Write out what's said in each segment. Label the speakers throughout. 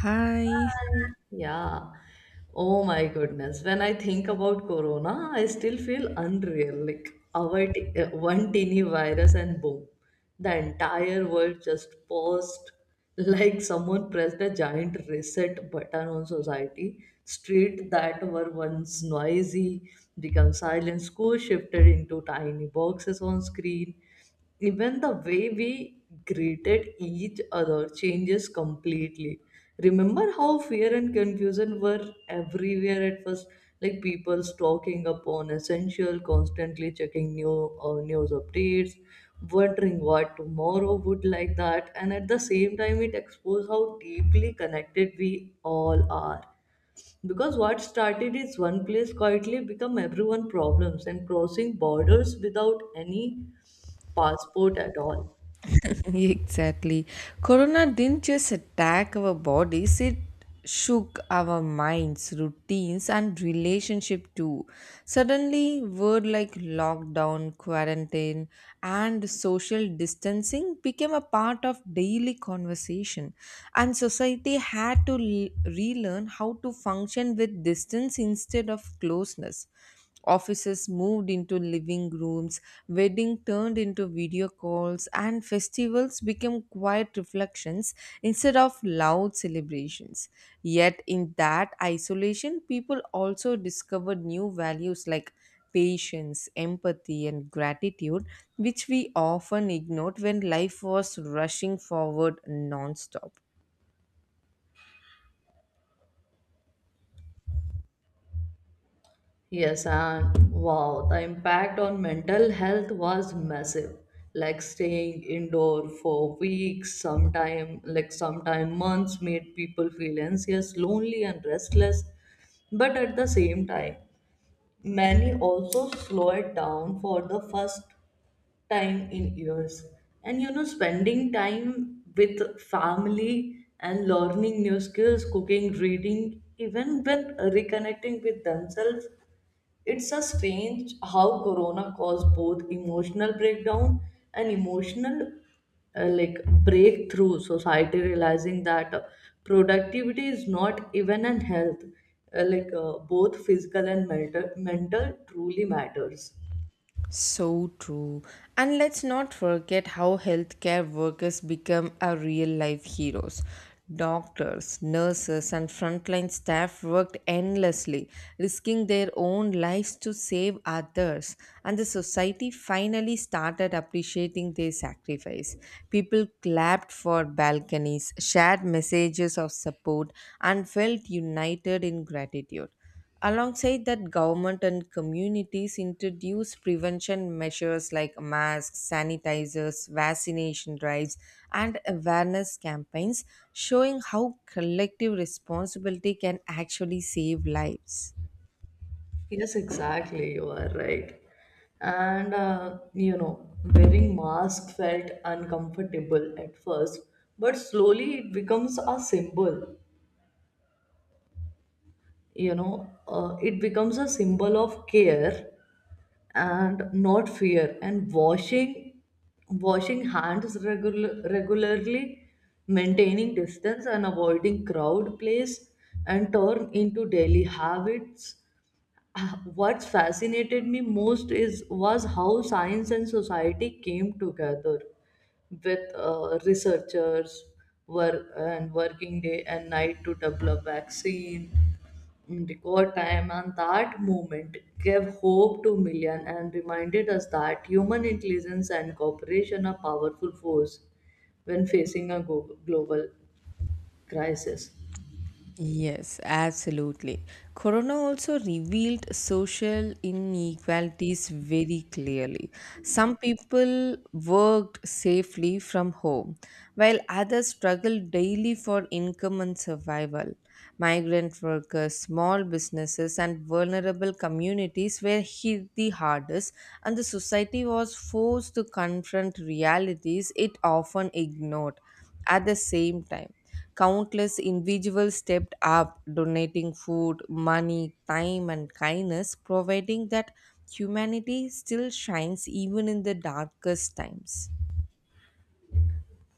Speaker 1: Hi.
Speaker 2: Yeah. Oh my goodness. When I think about corona, I still feel unreal. Like one teeny virus and boom, the entire world just paused like someone pressed a giant reset button on society. Street that were once noisy become silent. School shifted into tiny boxes on screen even the way we greeted each other changes completely remember how fear and confusion were everywhere at first like people stalking upon essential constantly checking new news updates wondering what tomorrow would like that and at the same time it exposed how deeply connected we all are because what started is one place quietly become everyone problems and crossing borders without any passport at all.
Speaker 1: exactly. Corona didn't just attack our bodies, it shook our minds, routines, and relationship too. Suddenly, word like lockdown, quarantine, and social distancing became a part of daily conversation, and society had to relearn how to function with distance instead of closeness. Offices moved into living rooms, wedding turned into video calls, and festivals became quiet reflections instead of loud celebrations. Yet, in that isolation, people also discovered new values like patience, empathy, and gratitude, which we often ignored when life was rushing forward nonstop.
Speaker 2: Yes, and wow, the impact on mental health was massive. Like staying indoor for weeks, sometime months made people feel anxious, lonely and restless. But at the same time, many also slowed down for the first time in years. And you know, spending time with family and learning new skills, cooking, reading, even when reconnecting with themselves, it's a strange how Corona caused both emotional breakdown and emotional like breakthrough society realizing that productivity is not even an health both physical and mental truly matters.
Speaker 1: So true. And let's not forget how healthcare workers become our real life heroes. Doctors, nurses, and frontline staff worked endlessly, risking their own lives to save others. And the society finally started appreciating their sacrifice. People clapped for balconies, shared messages of support, and felt united in gratitude. Alongside that, government and communities introduce prevention measures like masks, sanitizers, vaccination drives, and awareness campaigns, showing how collective responsibility can actually save lives.
Speaker 2: Yes, exactly. You are right. And you know, wearing mask felt uncomfortable at first, but slowly it becomes a symbol. You know, it becomes a symbol of care and not fear. And washing hands regularly, maintaining distance and avoiding crowd, place, and turn into daily habits. What fascinated me most is was how science and society came together with researchers were and working day and night to develop vaccine in record time and that moment gave hope to million and reminded us that human intelligence and cooperation are powerful force when facing global crisis.
Speaker 1: Yes, absolutely. Corona also revealed social inequalities very clearly. Some people worked safely from home, while others struggled daily for income and survival. Migrant workers, small businesses, and vulnerable communities were hit the hardest, and the society was forced to confront realities it often ignored at the same time. Countless individuals stepped up, donating food, money, time, and kindness, providing that humanity still shines even in the darkest times.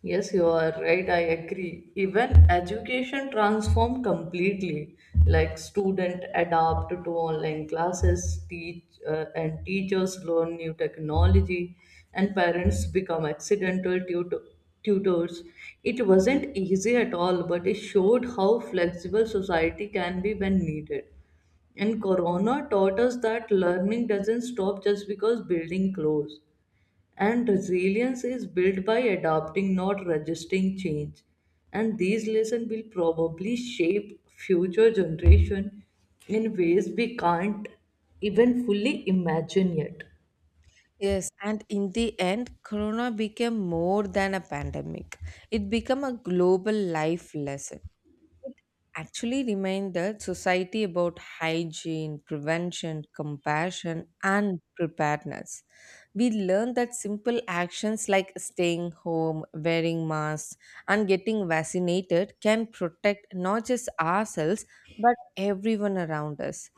Speaker 2: Yes, you are right. I agree. Even education transformed completely. Like student adapt to online classes, teach and teachers learn new technology, and parents become accidental tutors. It wasn't easy at all, but it showed how flexible society can be when needed. And Corona taught us that learning doesn't stop just because building close. And resilience is built by adapting, not resisting change. And these lessons will probably shape future generation in ways we can't even fully imagine yet.
Speaker 1: Yes, and in the end, Corona became more than a pandemic. It became a global life lesson. It actually reminds the society about hygiene, prevention, compassion, and preparedness. We learn that simple actions like staying home, wearing masks, and getting vaccinated can protect not just ourselves but everyone around us.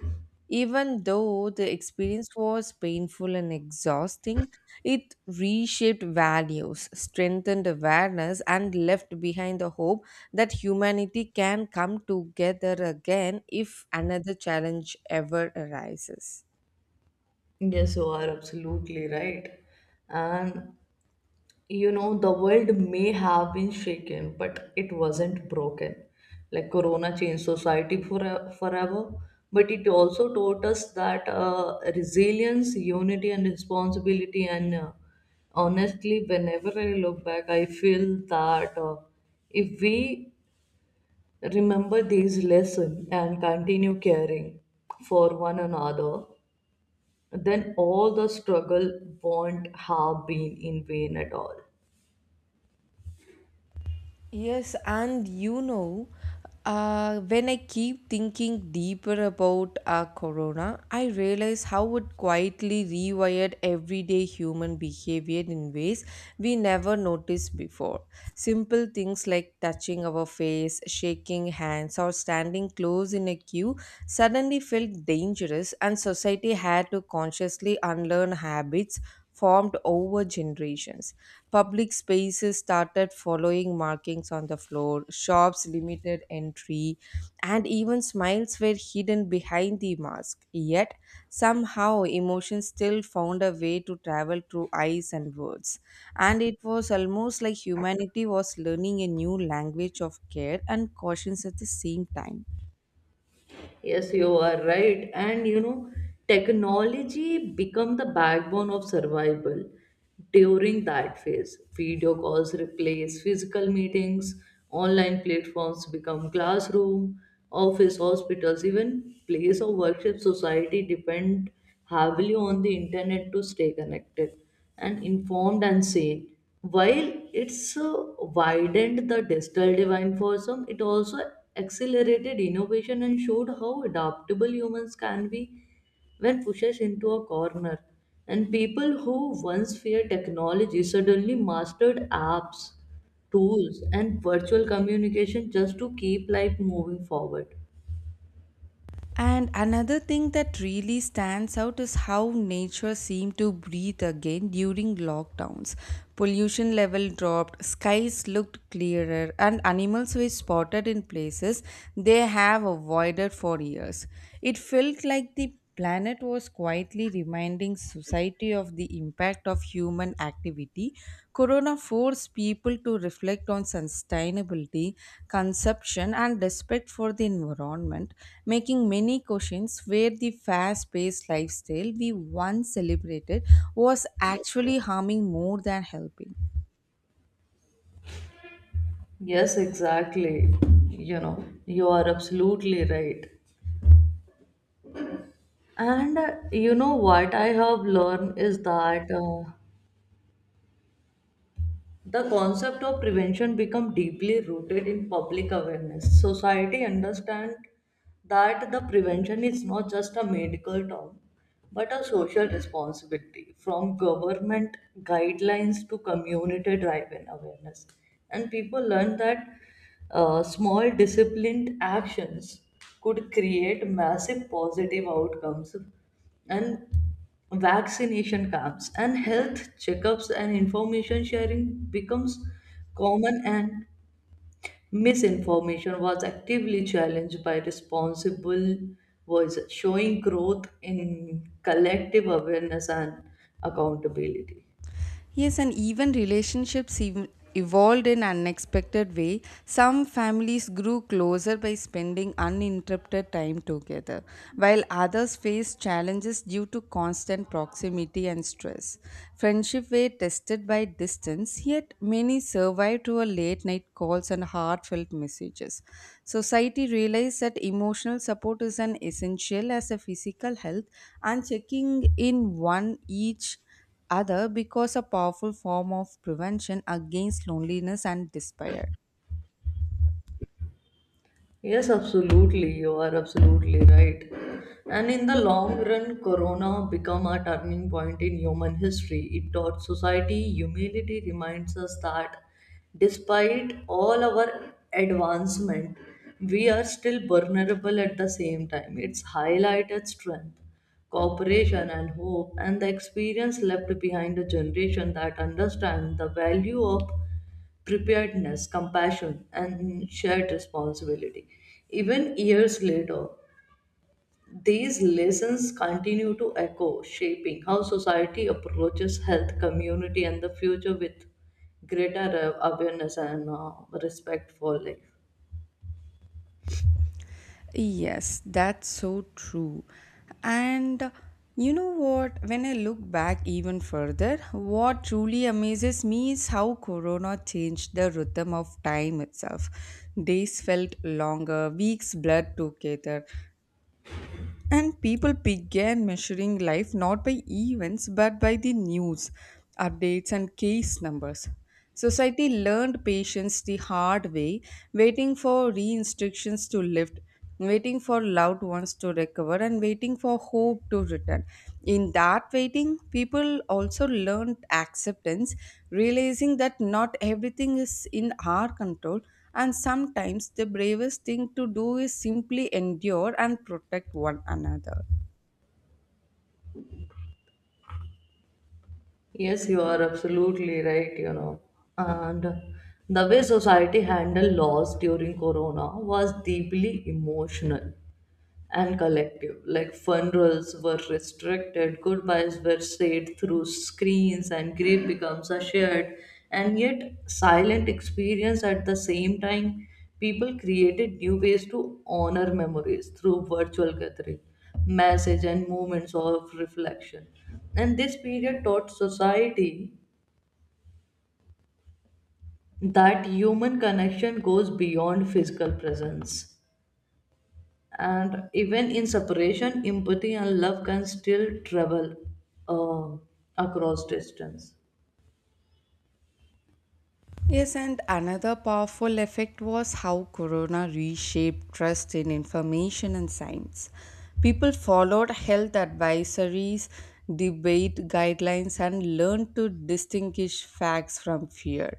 Speaker 1: Even though the experience was painful and exhausting, it reshaped values, strengthened awareness, and left behind the hope that humanity can come together again if another challenge ever arises.
Speaker 2: Yes, you are absolutely right. And you know the world may have been shaken but it wasn't broken like corona changed society forever but it also taught us that resilience unity and responsibility and honestly whenever I look back I feel that if we remember these lessons and continue caring for one another then all the struggle won't have been in vain at all.
Speaker 1: Yes, and you know when I keep thinking deeper about Corona, I realize how it quietly rewired everyday human behavior in ways we never noticed before. Simple things like touching our face, shaking hands, or standing close in a queue suddenly felt dangerous, and society had to consciously unlearn habits formed over generations. Public spaces started following markings on the floor, shops limited entry, and even smiles were hidden behind the mask. Yet, somehow, emotions still found a way to travel through eyes and words. And it was almost like humanity was learning a new language of care and cautions at the same time.
Speaker 2: Yes, you are right. And you know, technology become the backbone of survival during that phase. Video calls replace physical meetings, online platforms become classroom, office, hospitals, even place of worship society depend heavily on the internet to stay connected and informed and sane. While it's widened the digital divide for some, it also accelerated innovation and showed how adaptable humans can be when pushed into a corner. And people who once feared technology suddenly mastered apps, tools, and virtual communication just to keep life moving forward.
Speaker 1: And another thing that really stands out is how nature seemed to breathe again during lockdowns. Pollution level dropped, skies looked clearer, and animals were spotted in places they have avoided for years. It felt like the planet was quietly reminding society of the impact of human activity. Corona forced people to reflect on sustainability, consumption, and respect for the environment, making many questions where the fast-paced lifestyle we once celebrated was actually harming more than helping.
Speaker 2: Yes, exactly. You know, you are absolutely right. And you know what I have learned is that the concept of prevention become deeply rooted in public awareness. Society understand that the prevention is not just a medical term but a social responsibility from government guidelines to community driven awareness. And people learn that small disciplined actions could create massive positive outcomes and vaccination camps and health checkups and information sharing becomes common and misinformation was actively challenged by responsible voices showing growth in collective awareness and accountability.
Speaker 1: Yes, and even relationships evolved in unexpected way. Some families grew closer by spending uninterrupted time together, while others faced challenges due to constant proximity and stress. Friendship were tested by distance, yet many survived through a late night calls and heartfelt messages. Society realized that emotional support is an essential as a physical health, and checking in one each other because a powerful form of prevention against loneliness and despair.
Speaker 2: Yes, absolutely. You are absolutely right. And in the long run, Corona become a turning point in human history. It taught society humility, reminds us that despite all our advancement, we are still vulnerable at the same time. It's highlighted strength, cooperation, and hope, and the experience left behind a generation that understands the value of preparedness, compassion, and shared responsibility. Even years later, these lessons continue to echo, shaping how society approaches health, community, and the future with greater awareness and respect for life.
Speaker 1: Yes, that's so true. And you know what? When I look back even further, what truly amazes me is how Corona changed the rhythm of time itself. Days felt longer, weeks blurred together, and people began measuring life not by events but by the news, updates, and case numbers. Society learned patience the hard way, waiting for re-instructions to lift, waiting for loved ones to recover, and waiting for hope to return. In that waiting, people also learned acceptance, realizing that not everything is in our control and sometimes the bravest thing to do is simply endure and protect one another.
Speaker 2: Yes, you are absolutely right, you know. And the way society handled loss during Corona was deeply emotional and collective. Like funerals were restricted, goodbyes were said through screens, and grief becomes a shared and yet silent experience at the same time. People created new ways to honor memories through virtual gathering, message, and moments of reflection. And this period taught society that human connection goes beyond physical presence. And even in separation empathy and love can still travel uh, across distance.
Speaker 1: Yes, and another powerful effect was how Corona reshaped trust in information and science. People followed health advisories, debate guidelines, and learned to distinguish facts from fear.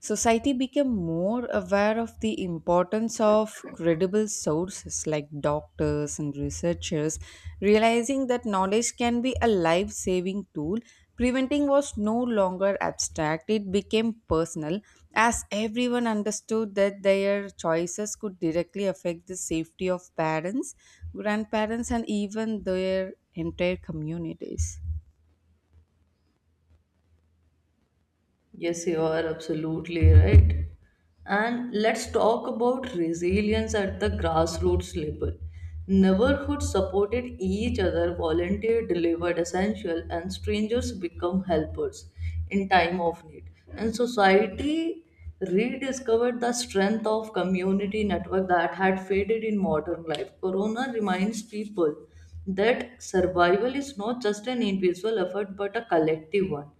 Speaker 1: Society became more aware of the importance of credible sources like doctors and researchers, realizing that knowledge can be a life saving tool. Preventing was no longer abstract, it became personal as everyone understood that their choices could directly affect the safety of parents, grandparents, and even their entire communities.
Speaker 2: Yes, you are absolutely right. And let's talk about resilience at the grassroots level. Neighborhoods supported each other, volunteer delivered essential, and strangers become helpers in time of need. And society rediscovered the strength of community network that had faded in modern life. Corona reminds people that survival is not just an individual effort but a collective one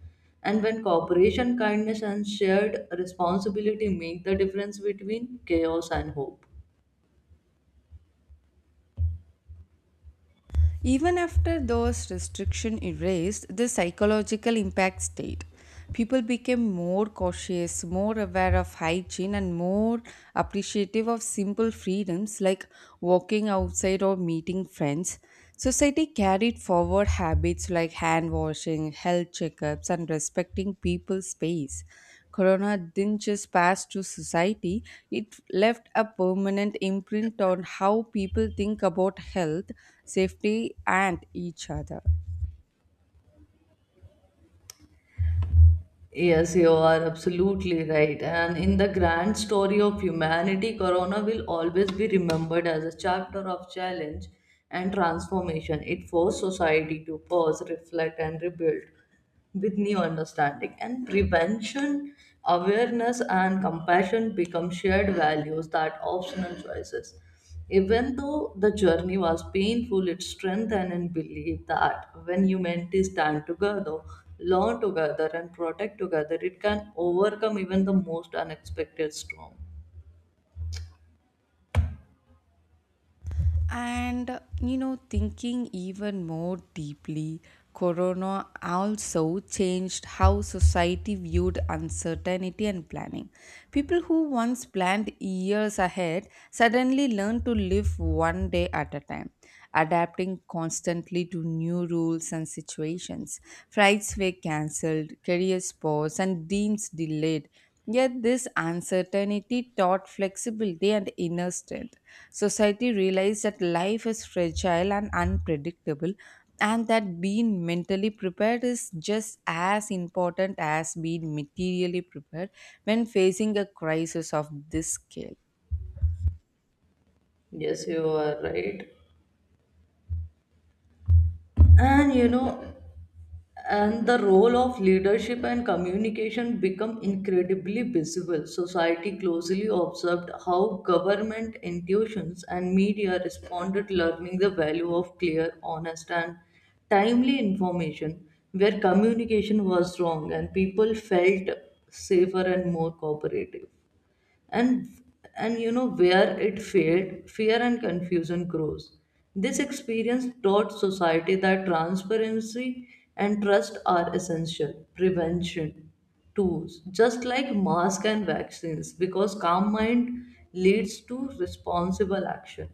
Speaker 2: and when cooperation, kindness, and shared responsibility make the difference between chaos and hope.
Speaker 1: Even after those restrictions erased, the psychological impact stayed. People became more cautious, more aware of hygiene, and more appreciative of simple freedoms like walking outside or meeting friends. Society carried forward habits like hand washing, health checkups, and respecting people's space. Corona didn't just pass through society, it left a permanent imprint on how people think about health, safety, and each other.
Speaker 2: Yes, you are absolutely right. And in the grand story of humanity, Corona will always be remembered as a chapter of challenge and transformation. It forced society to pause, reflect, and rebuild with new understanding. And prevention, awareness, and compassion become shared values that optional choices. Even though the journey was painful, it strengthened in belief that when humanity stand together, learn together, and protect together, it can overcome even the most unexpected storm.
Speaker 1: And you know, thinking even more deeply, Corona also changed how society viewed uncertainty and planning. People who once planned years ahead suddenly learned to live one day at a time, adapting constantly to new rules and situations. Flights were cancelled, careers paused, and dreams delayed. Yet, this uncertainty taught flexibility and inner strength. Society realized that life is fragile and unpredictable, and that being mentally prepared is just as important as being materially prepared when facing a crisis of this scale.
Speaker 2: Yes, you are right. And you know, and the role of leadership and communication become incredibly visible society closely observed how government institutions and media responded learning the value of clear honest and timely information where communication was wrong and people felt safer and more cooperative and you know where it failed fear and confusion grows this experience taught society that transparency and trust are essential prevention tools just like masks and vaccines because calm mind leads to responsible action.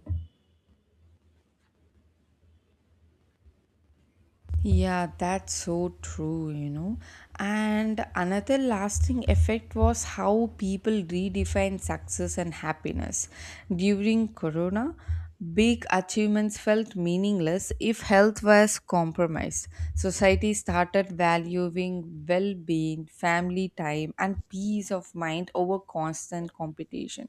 Speaker 1: Yeah, that's so true, you know. And another lasting effect was how people redefined success and happiness. During Corona, big achievements felt meaningless if health was compromised. Society started valuing well being, family time, free time, and peace of mind over constant competition.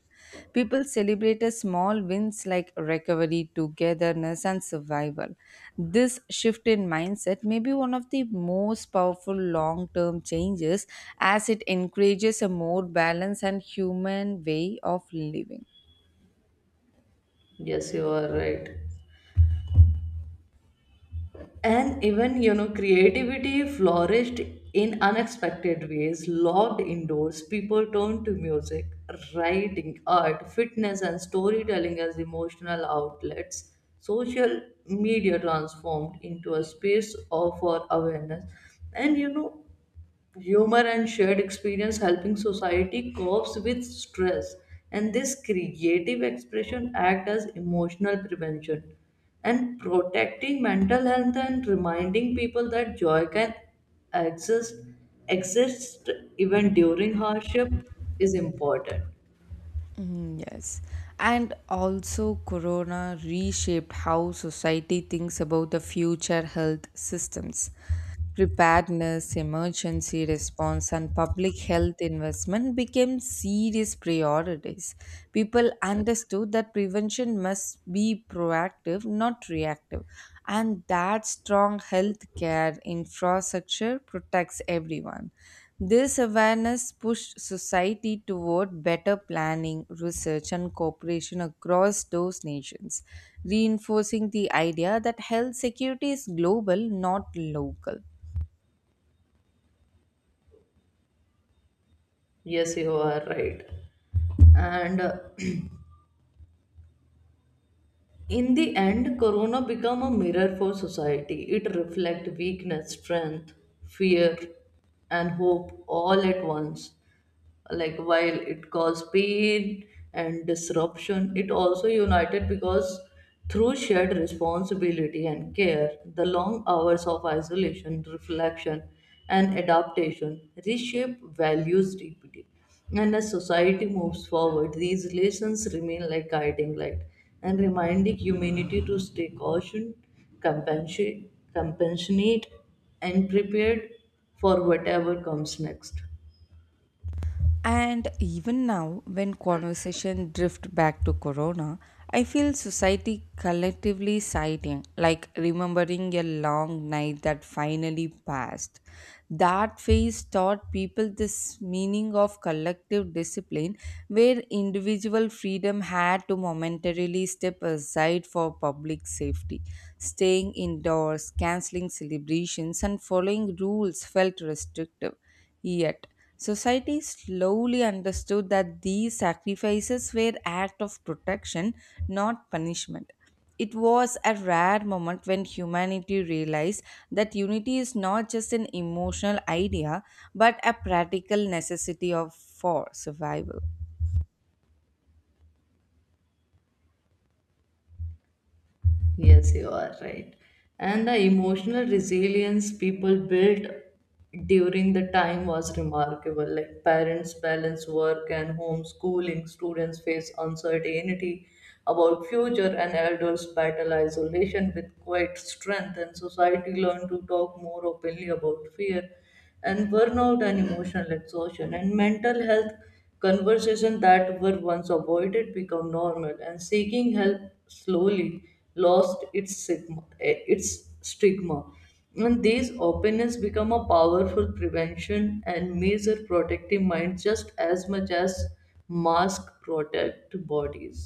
Speaker 1: People celebrated small wins like recovery, togetherness, and survival. This shift in mindset may be one of the most powerful long term changes as it encourages a more balanced and human way of living.
Speaker 2: Yes you are right and even you know creativity flourished in unexpected ways locked indoors people turned to music writing art fitness and storytelling as emotional outlets social media transformed into a space of for awareness and you know humor and shared experience helping society copes with stress and this creative expression act as emotional prevention and protecting mental health and reminding people that joy can exist exist even during hardship is important.
Speaker 1: Mm, yes. And also, Corona reshaped how society thinks about the future health systems. Preparedness, emergency response, and public health investment became serious priorities. People understood that prevention must be proactive, not reactive, and that strong healthcare infrastructure protects everyone. This awareness pushed society toward better planning, research, and cooperation across those nations, reinforcing the idea that health security is global, not local.
Speaker 2: Yes you are right and in the end, Corona became a mirror for society. It reflected weakness, strength, fear, and hope all at once like while it caused pain and disruption it also united because through shared responsibility and care the long hours of isolation reflection and adaptation reshape values deeply and as society moves forward these lessons remain like guiding light and reminding humanity to stay cautioned compassionate and prepared for whatever comes next.
Speaker 1: And even now, when conversation drift back to Corona, I feel society collectively sighing, like remembering a long night that finally passed. That phase taught people this meaning of collective discipline where individual freedom had to momentarily step aside for public safety. Staying indoors, cancelling celebrations, and following rules felt restrictive. Yet, society slowly understood that these sacrifices were acts of protection, not punishment. It was a rare moment when humanity realized that unity is not just an emotional idea but a practical necessity of for survival.
Speaker 2: Yes, you are right. And the emotional resilience people built during the time was remarkable. Like parents balance work and homeschooling, students face uncertainty about future, and elders battle isolation with quite strength. And society learned to talk more openly about fear and burnout and emotional exhaustion and mental health conversations that were once avoided become normal and seeking help slowly lost its stigma, its stigma. And these openness become a powerful prevention and measure protective mind just as much as mask protect bodies.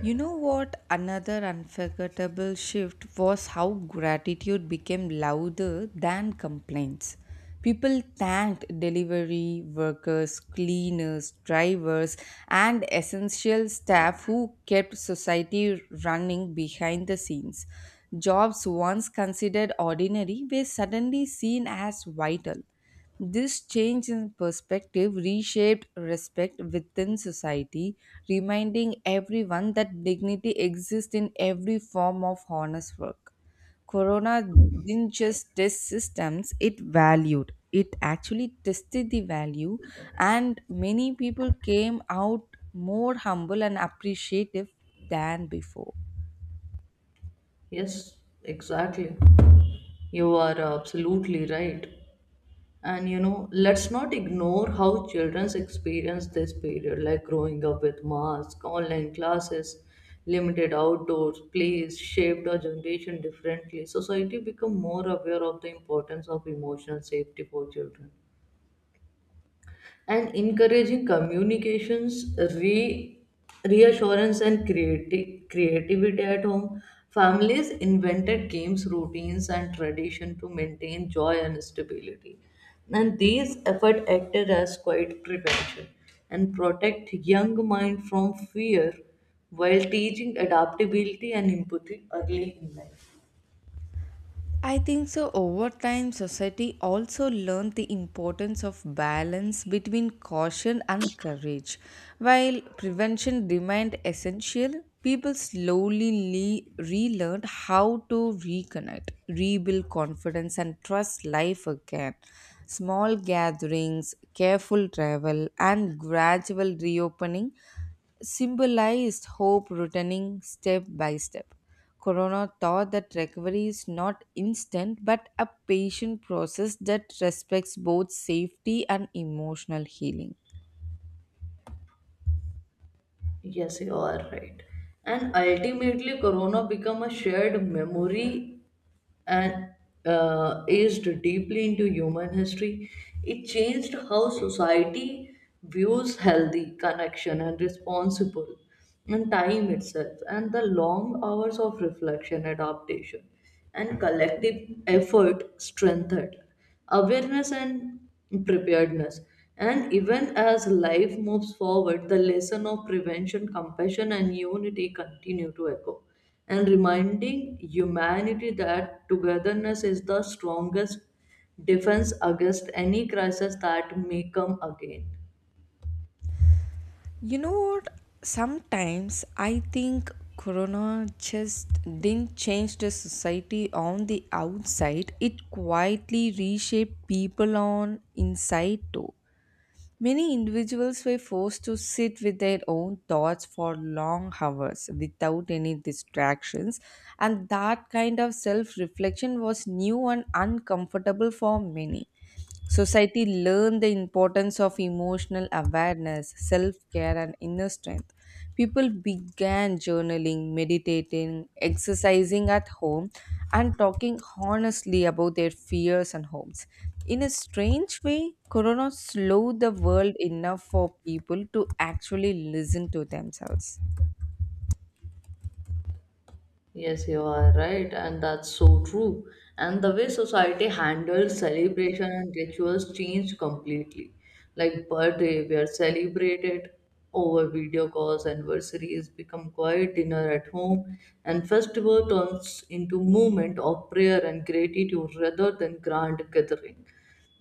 Speaker 1: You know what? Another unforgettable shift was how gratitude became louder than complaints. People thanked delivery workers, cleaners, drivers, and essential staff who kept society running behind the scenes. Jobs once considered ordinary were suddenly seen as vital. This change in perspective reshaped respect within society, reminding everyone that dignity exists in every form of honest work. Corona didn't just test systems, it valued. It actually tested the value, and many people came out more humble and appreciative than before.
Speaker 2: Yes exactly you are absolutely right and you know let's not ignore how children's experience this period like growing up with masks online classes limited outdoors plays shaped our generation differently society become more aware of the importance of emotional safety for children and encouraging communications, reassurance, and creativity at home. Families invented games, routines, and tradition to maintain joy and stability. And these efforts acted as quiet prevention and protect young mind from fear while teaching adaptability and empathy early in life.
Speaker 1: I think so. Over time, society also learned the importance of balance between caution and courage. While prevention remained essential, people slowly relearned how to reconnect, rebuild confidence, and trust life again. Small gatherings, careful travel, and gradual reopening symbolized hope returning step by step. Corona taught that recovery is not instant but a patient process that respects both safety and emotional healing.
Speaker 2: Yes, you are right. And ultimately, Corona become a shared memory and aged deeply into human history. It changed how society views healthy connection and responsible and time itself and the long hours of reflection, adaptation and collective effort strengthened awareness and preparedness. And even as life moves forward, the lesson of prevention, compassion, and unity continue to echo, and reminding humanity that togetherness is the strongest defense against any crisis that may come again.
Speaker 1: You know what? Sometimes I think Corona just didn't change the society on the outside, it quietly reshaped people on inside too. Many individuals were forced to sit with their own thoughts for long hours without any distractions, and that kind of self reflection was new and uncomfortable for many. Society learn the importance of emotional awareness, self care, and inner strength. People began journaling, meditating, exercising at home, and talking honestly about their fears and hopes. In a strange way, Corona slowed the world enough for people to actually listen to themselves.
Speaker 2: Yes, you are right, and that's so true. And the way society handles celebration and rituals changed completely. Like birthday, we are celebrated over video calls, anniversaries become quiet dinner at home, and festival turns into moment of prayer and gratitude rather than grand gathering.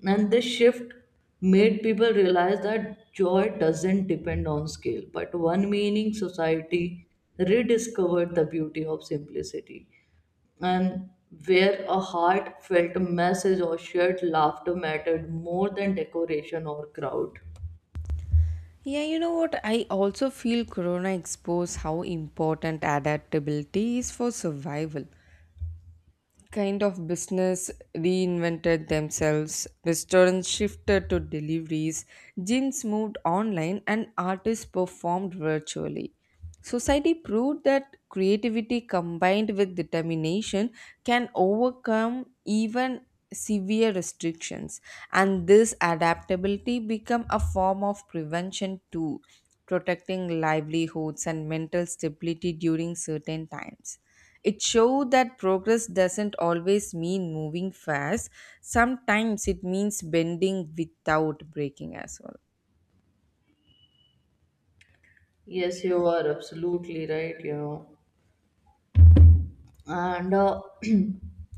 Speaker 2: And this shift made people realize that joy doesn't depend on scale, but one meaning society rediscovered the beauty of simplicity. And where a heartfelt message or shared laughter mattered more than decoration or crowd.
Speaker 1: Yeah, you know what? I also feel Corona exposed how important adaptability is for survival. Kind of business reinvented themselves, restaurants shifted to deliveries, gyms moved online, and artists performed virtually. Society proved that creativity combined with determination can overcome even severe restrictions, and this adaptability become a form of prevention too, protecting livelihoods and mental stability during certain times. It showed that progress doesn't always mean moving fast, sometimes it means bending without breaking as well.
Speaker 2: Yes, you are absolutely right, you know. And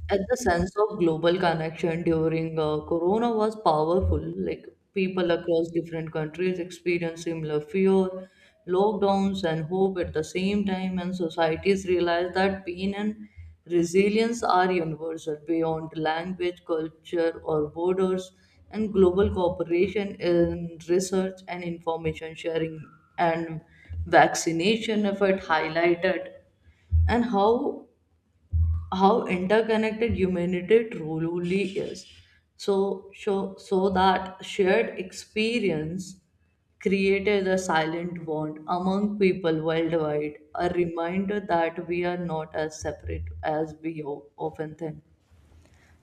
Speaker 2: At the sense of global connection during corona was powerful, like people across different countries experienced similar fear, lockdowns, and hope at the same time, and societies realized that pain and resilience are universal beyond language, culture, or borders, and global cooperation in research and information sharing and vaccination effort highlighted and how interconnected humanity truly is. So that shared experience created a silent bond among people worldwide, a reminder that we are not as separate as we often think.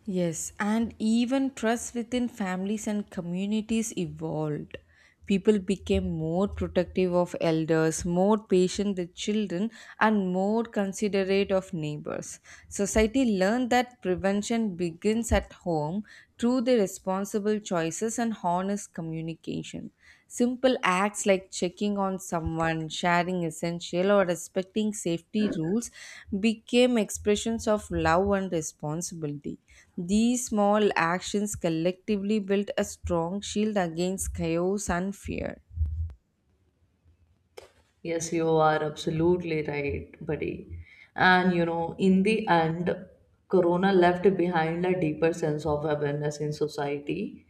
Speaker 1: Yes, and even trust within families and communities evolved. People became more protective of elders, more patient with children, and more considerate of neighbors. Society learned that prevention begins at home through the responsible choices and honest communication. Simple acts like checking on someone, sharing essential, or respecting safety rules became expressions of love and responsibility. These small actions collectively built a strong shield against chaos and fear.
Speaker 2: Yes, you are absolutely right, buddy. And you know, in the end, Corona left behind a deeper sense of awareness in society,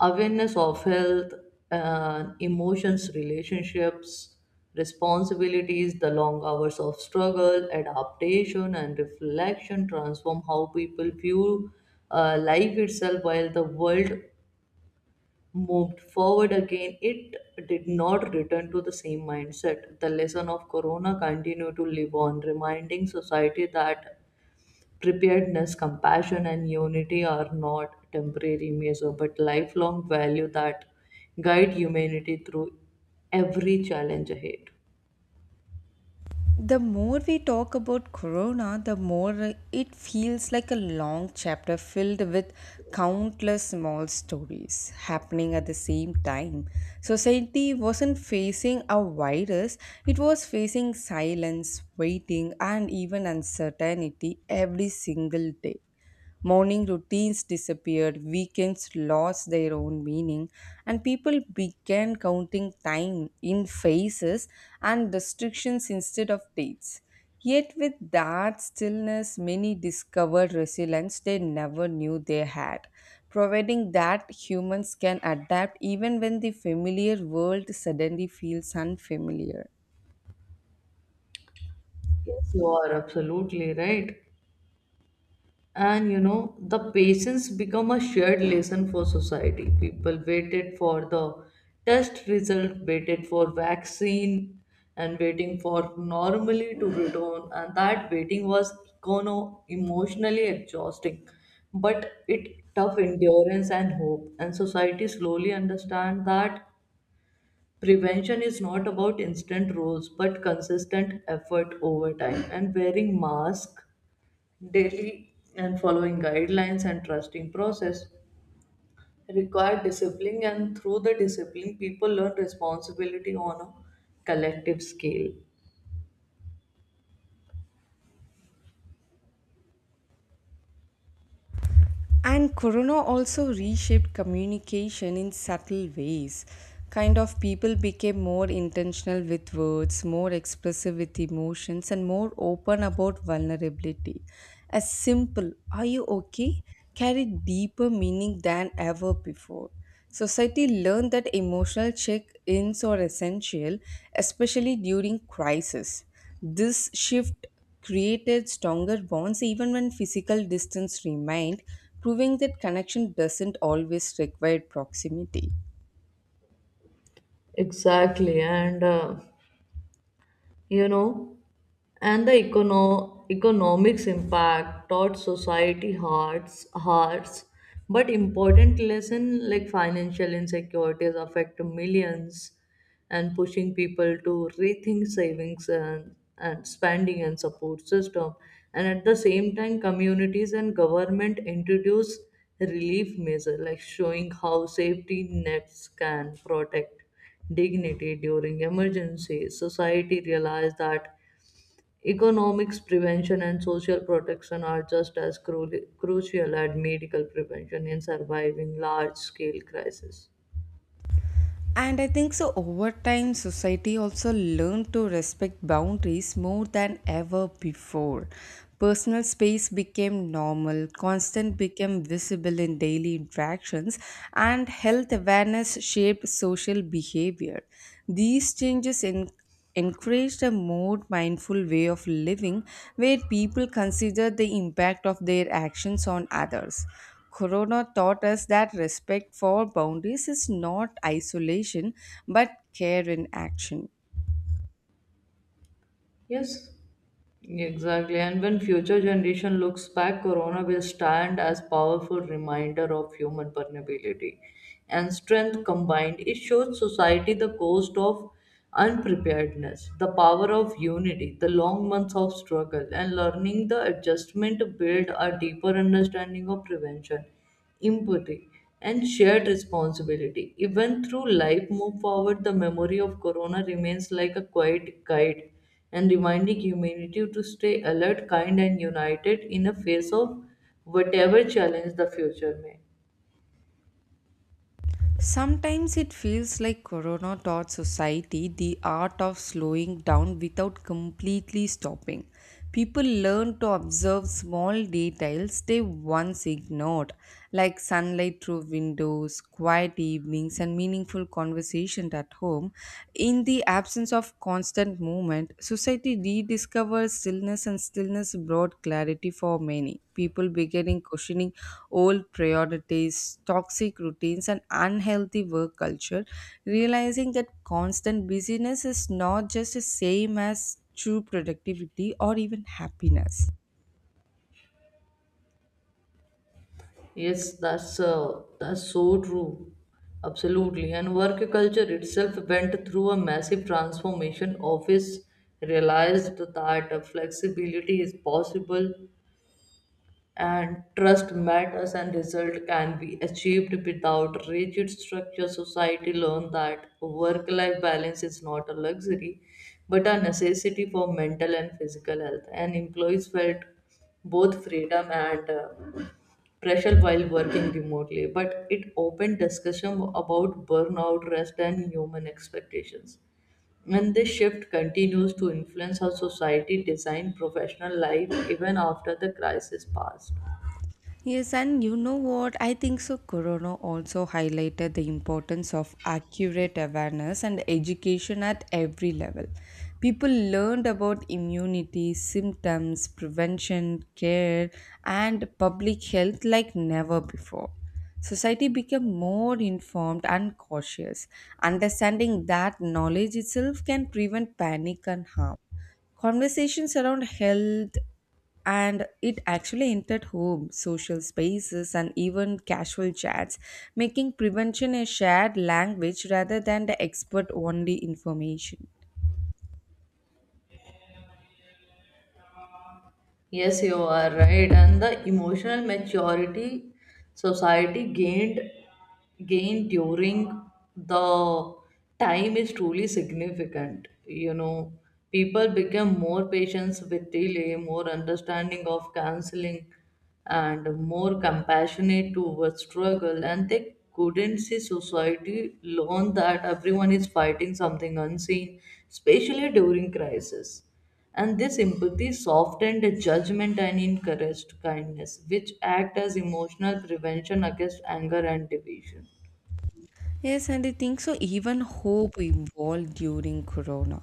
Speaker 2: awareness of health, emotions, relationships, responsibilities. The long hours of struggle, adaptation, and reflection transform how people view life itself. While the world moved forward again, it did not return to the same mindset. The lesson of Corona continued to live on, reminding society that preparedness, compassion, and unity are not temporary measures but lifelong value that guide humanity through every challenge ahead.
Speaker 1: The more we talk about Corona, the more it feels like a long chapter filled with countless small stories happening at the same time. Society wasn't facing a virus, it was facing silence, waiting, and even uncertainty every single day. Morning routines disappeared, weekends lost their own meaning, and people began counting time in phases and restrictions instead of dates. Yet, with that stillness, many discovered resilience they never knew they had, providing that humans can adapt even when the familiar world suddenly feels unfamiliar.
Speaker 2: Yes, you are absolutely right. And you know, the patience become a shared lesson for society. People waited for the test result, waited for vaccine, and waiting for normally to return, and that waiting was econo emotionally exhausting, but it tough endurance and hope. And society slowly understand that prevention is not about instant rules but consistent effort over time, and wearing mask daily and following guidelines and trusting process require discipline, and through the discipline people learn responsibility on a collective scale.
Speaker 1: And Corona also reshaped communication in subtle ways. Kind of people became more intentional with words, more expressive with emotions, and more open about vulnerability. A simple, are you okay? carried deeper meaning than ever before. Society learned that emotional check ins are essential, especially during crisis. This shift created stronger bonds even when physical distance remained, proving that connection doesn't always require proximity.
Speaker 2: Exactly. And you know, and the economics impact taught society hearts, but important lesson, like financial insecurities affect millions and pushing people to rethink savings and, spending and support system. And at the same time, communities and government introduce relief measure, like showing how safety nets can protect dignity during emergencies. Society realized that economics prevention and social protection are just as crucial as medical prevention in surviving large scale crises.
Speaker 1: And I think so over time society also learned to respect boundaries more than ever before. Personal space became normal, constant became visible in daily interactions, and health awareness shaped social behavior. These changes in encouraged a more mindful way of living where people consider the impact of their actions on others. Corona taught us that respect for boundaries is not isolation but care in action.
Speaker 2: Yes, exactly. And when future generation looks back, Corona will stand as powerful reminder of human vulnerability and strength combined. It shows society the cost of unpreparedness, the power of unity, the long months of struggle, and learning the adjustment to build a deeper understanding of prevention, empathy, and shared responsibility. Even through life move forward, the memory of Corona remains like a quiet guide, and reminding humanity to stay alert, kind, and united in the face of whatever challenge the future may.
Speaker 1: Sometimes it feels like Corona taught society the art of slowing down without completely stopping. People learn to observe small details they once ignored, like sunlight through windows, quiet evenings, and meaningful conversation at home in the absence of constant movement, society rediscovers stillness and stillness brought clarity for many. People beginning questioning old priorities, toxic routines, and unhealthy work culture, realizing that constant busyness is not just the same as true productivity or even happiness.
Speaker 2: Yes, that's so true. Absolutely. And work culture itself went through a massive transformation. Office realized that flexibility is possible and trust matters and result can be achieved without rigid structure. Society learned that work life balance is not a luxury but a necessity for mental and physical health, and employees felt both freedom and pressure while working remotely. But it opened discussion about burnout, rest, and human expectations, and this shift continues to influence how society design professional life even after the crisis passed.
Speaker 1: Yes, and you know what? I think so. Corona also highlighted the importance of accurate awareness and education at every level. People learned about immunity, symptoms, prevention, care, and public health like never before. Society became more informed and cautious, understanding that knowledge itself can prevent panic and harm. Conversations around health and it actually entered home, social spaces, and even casual chats, making prevention a shared language rather than the expert only information.
Speaker 2: Yes, you are right. And the emotional maturity society gained during the time is truly significant. You know, people become more patient with delay, more understanding of counseling, and more compassionate towards struggle. And they couldn't see society learn that everyone is fighting something unseen, especially during crisis, and this empathy softened judgment and encouraged kindness, which act as emotional prevention against anger and division.
Speaker 1: Yes, and I think so. Even hope evolved during Corona.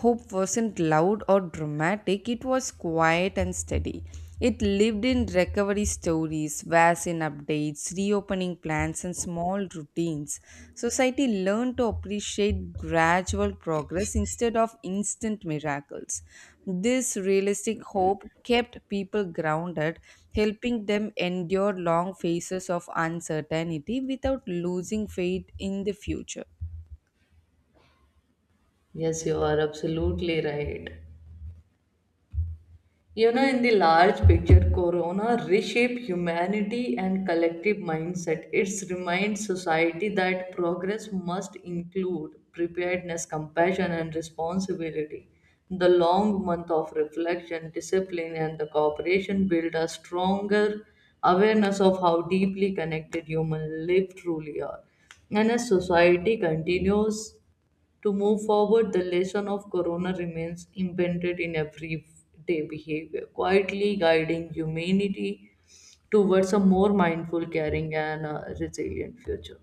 Speaker 1: Hope wasn't loud or dramatic, it was quiet and steady. It lived in recovery stories, vaccine updates, reopening plans, and small routines. Society learned to appreciate gradual progress instead of instant miracles. This realistic hope kept people grounded, helping them endure long phases of uncertainty without losing faith in the future.
Speaker 2: Yes, you are absolutely right. You know, in the large picture, Corona reshaped humanity and collective mindset. It reminds society that progress must include preparedness, compassion, and responsibility. The long month of reflection, discipline, and the cooperation build a stronger awareness of how deeply connected human life truly are. And as society continues to move forward, the lesson of Corona remains embedded in everyday behavior, quietly guiding humanity towards a more mindful, caring, and resilient future.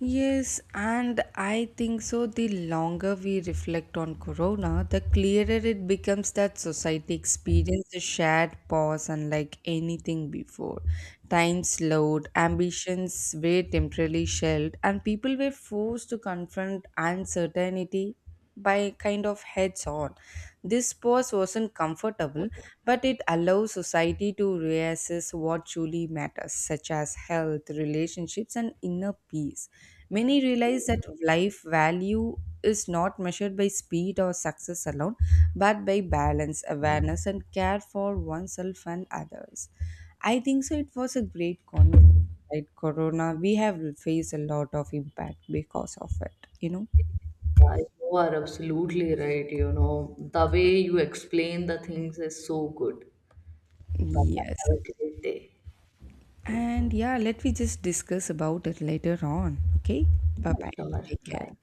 Speaker 1: Yes, and I think so. The longer we reflect on Corona, the clearer it becomes that society experienced a shared pause unlike anything before. Time slowed, ambitions were temporarily shelved, and people were forced to confront uncertainty by kind of heads on. This pause wasn't comfortable, but it allows society to reassess what truly matters, such as health, relationships, and inner peace. Many realize that life value is not measured by speed or success alone, but by balance, awareness, and care for oneself and others. I think so. It was a great conversation. Right, Corona, we have faced a lot of impact because of it.
Speaker 2: Yeah, you are absolutely right. You know, the way you explain the things is so good. Bye. I
Speaker 1: Yes.
Speaker 2: have a great day.
Speaker 1: And yeah, let me just discuss about it later on. Okay? Bye
Speaker 2: Yeah,
Speaker 1: bye.
Speaker 2: sure.
Speaker 1: Take care.
Speaker 2: Bye.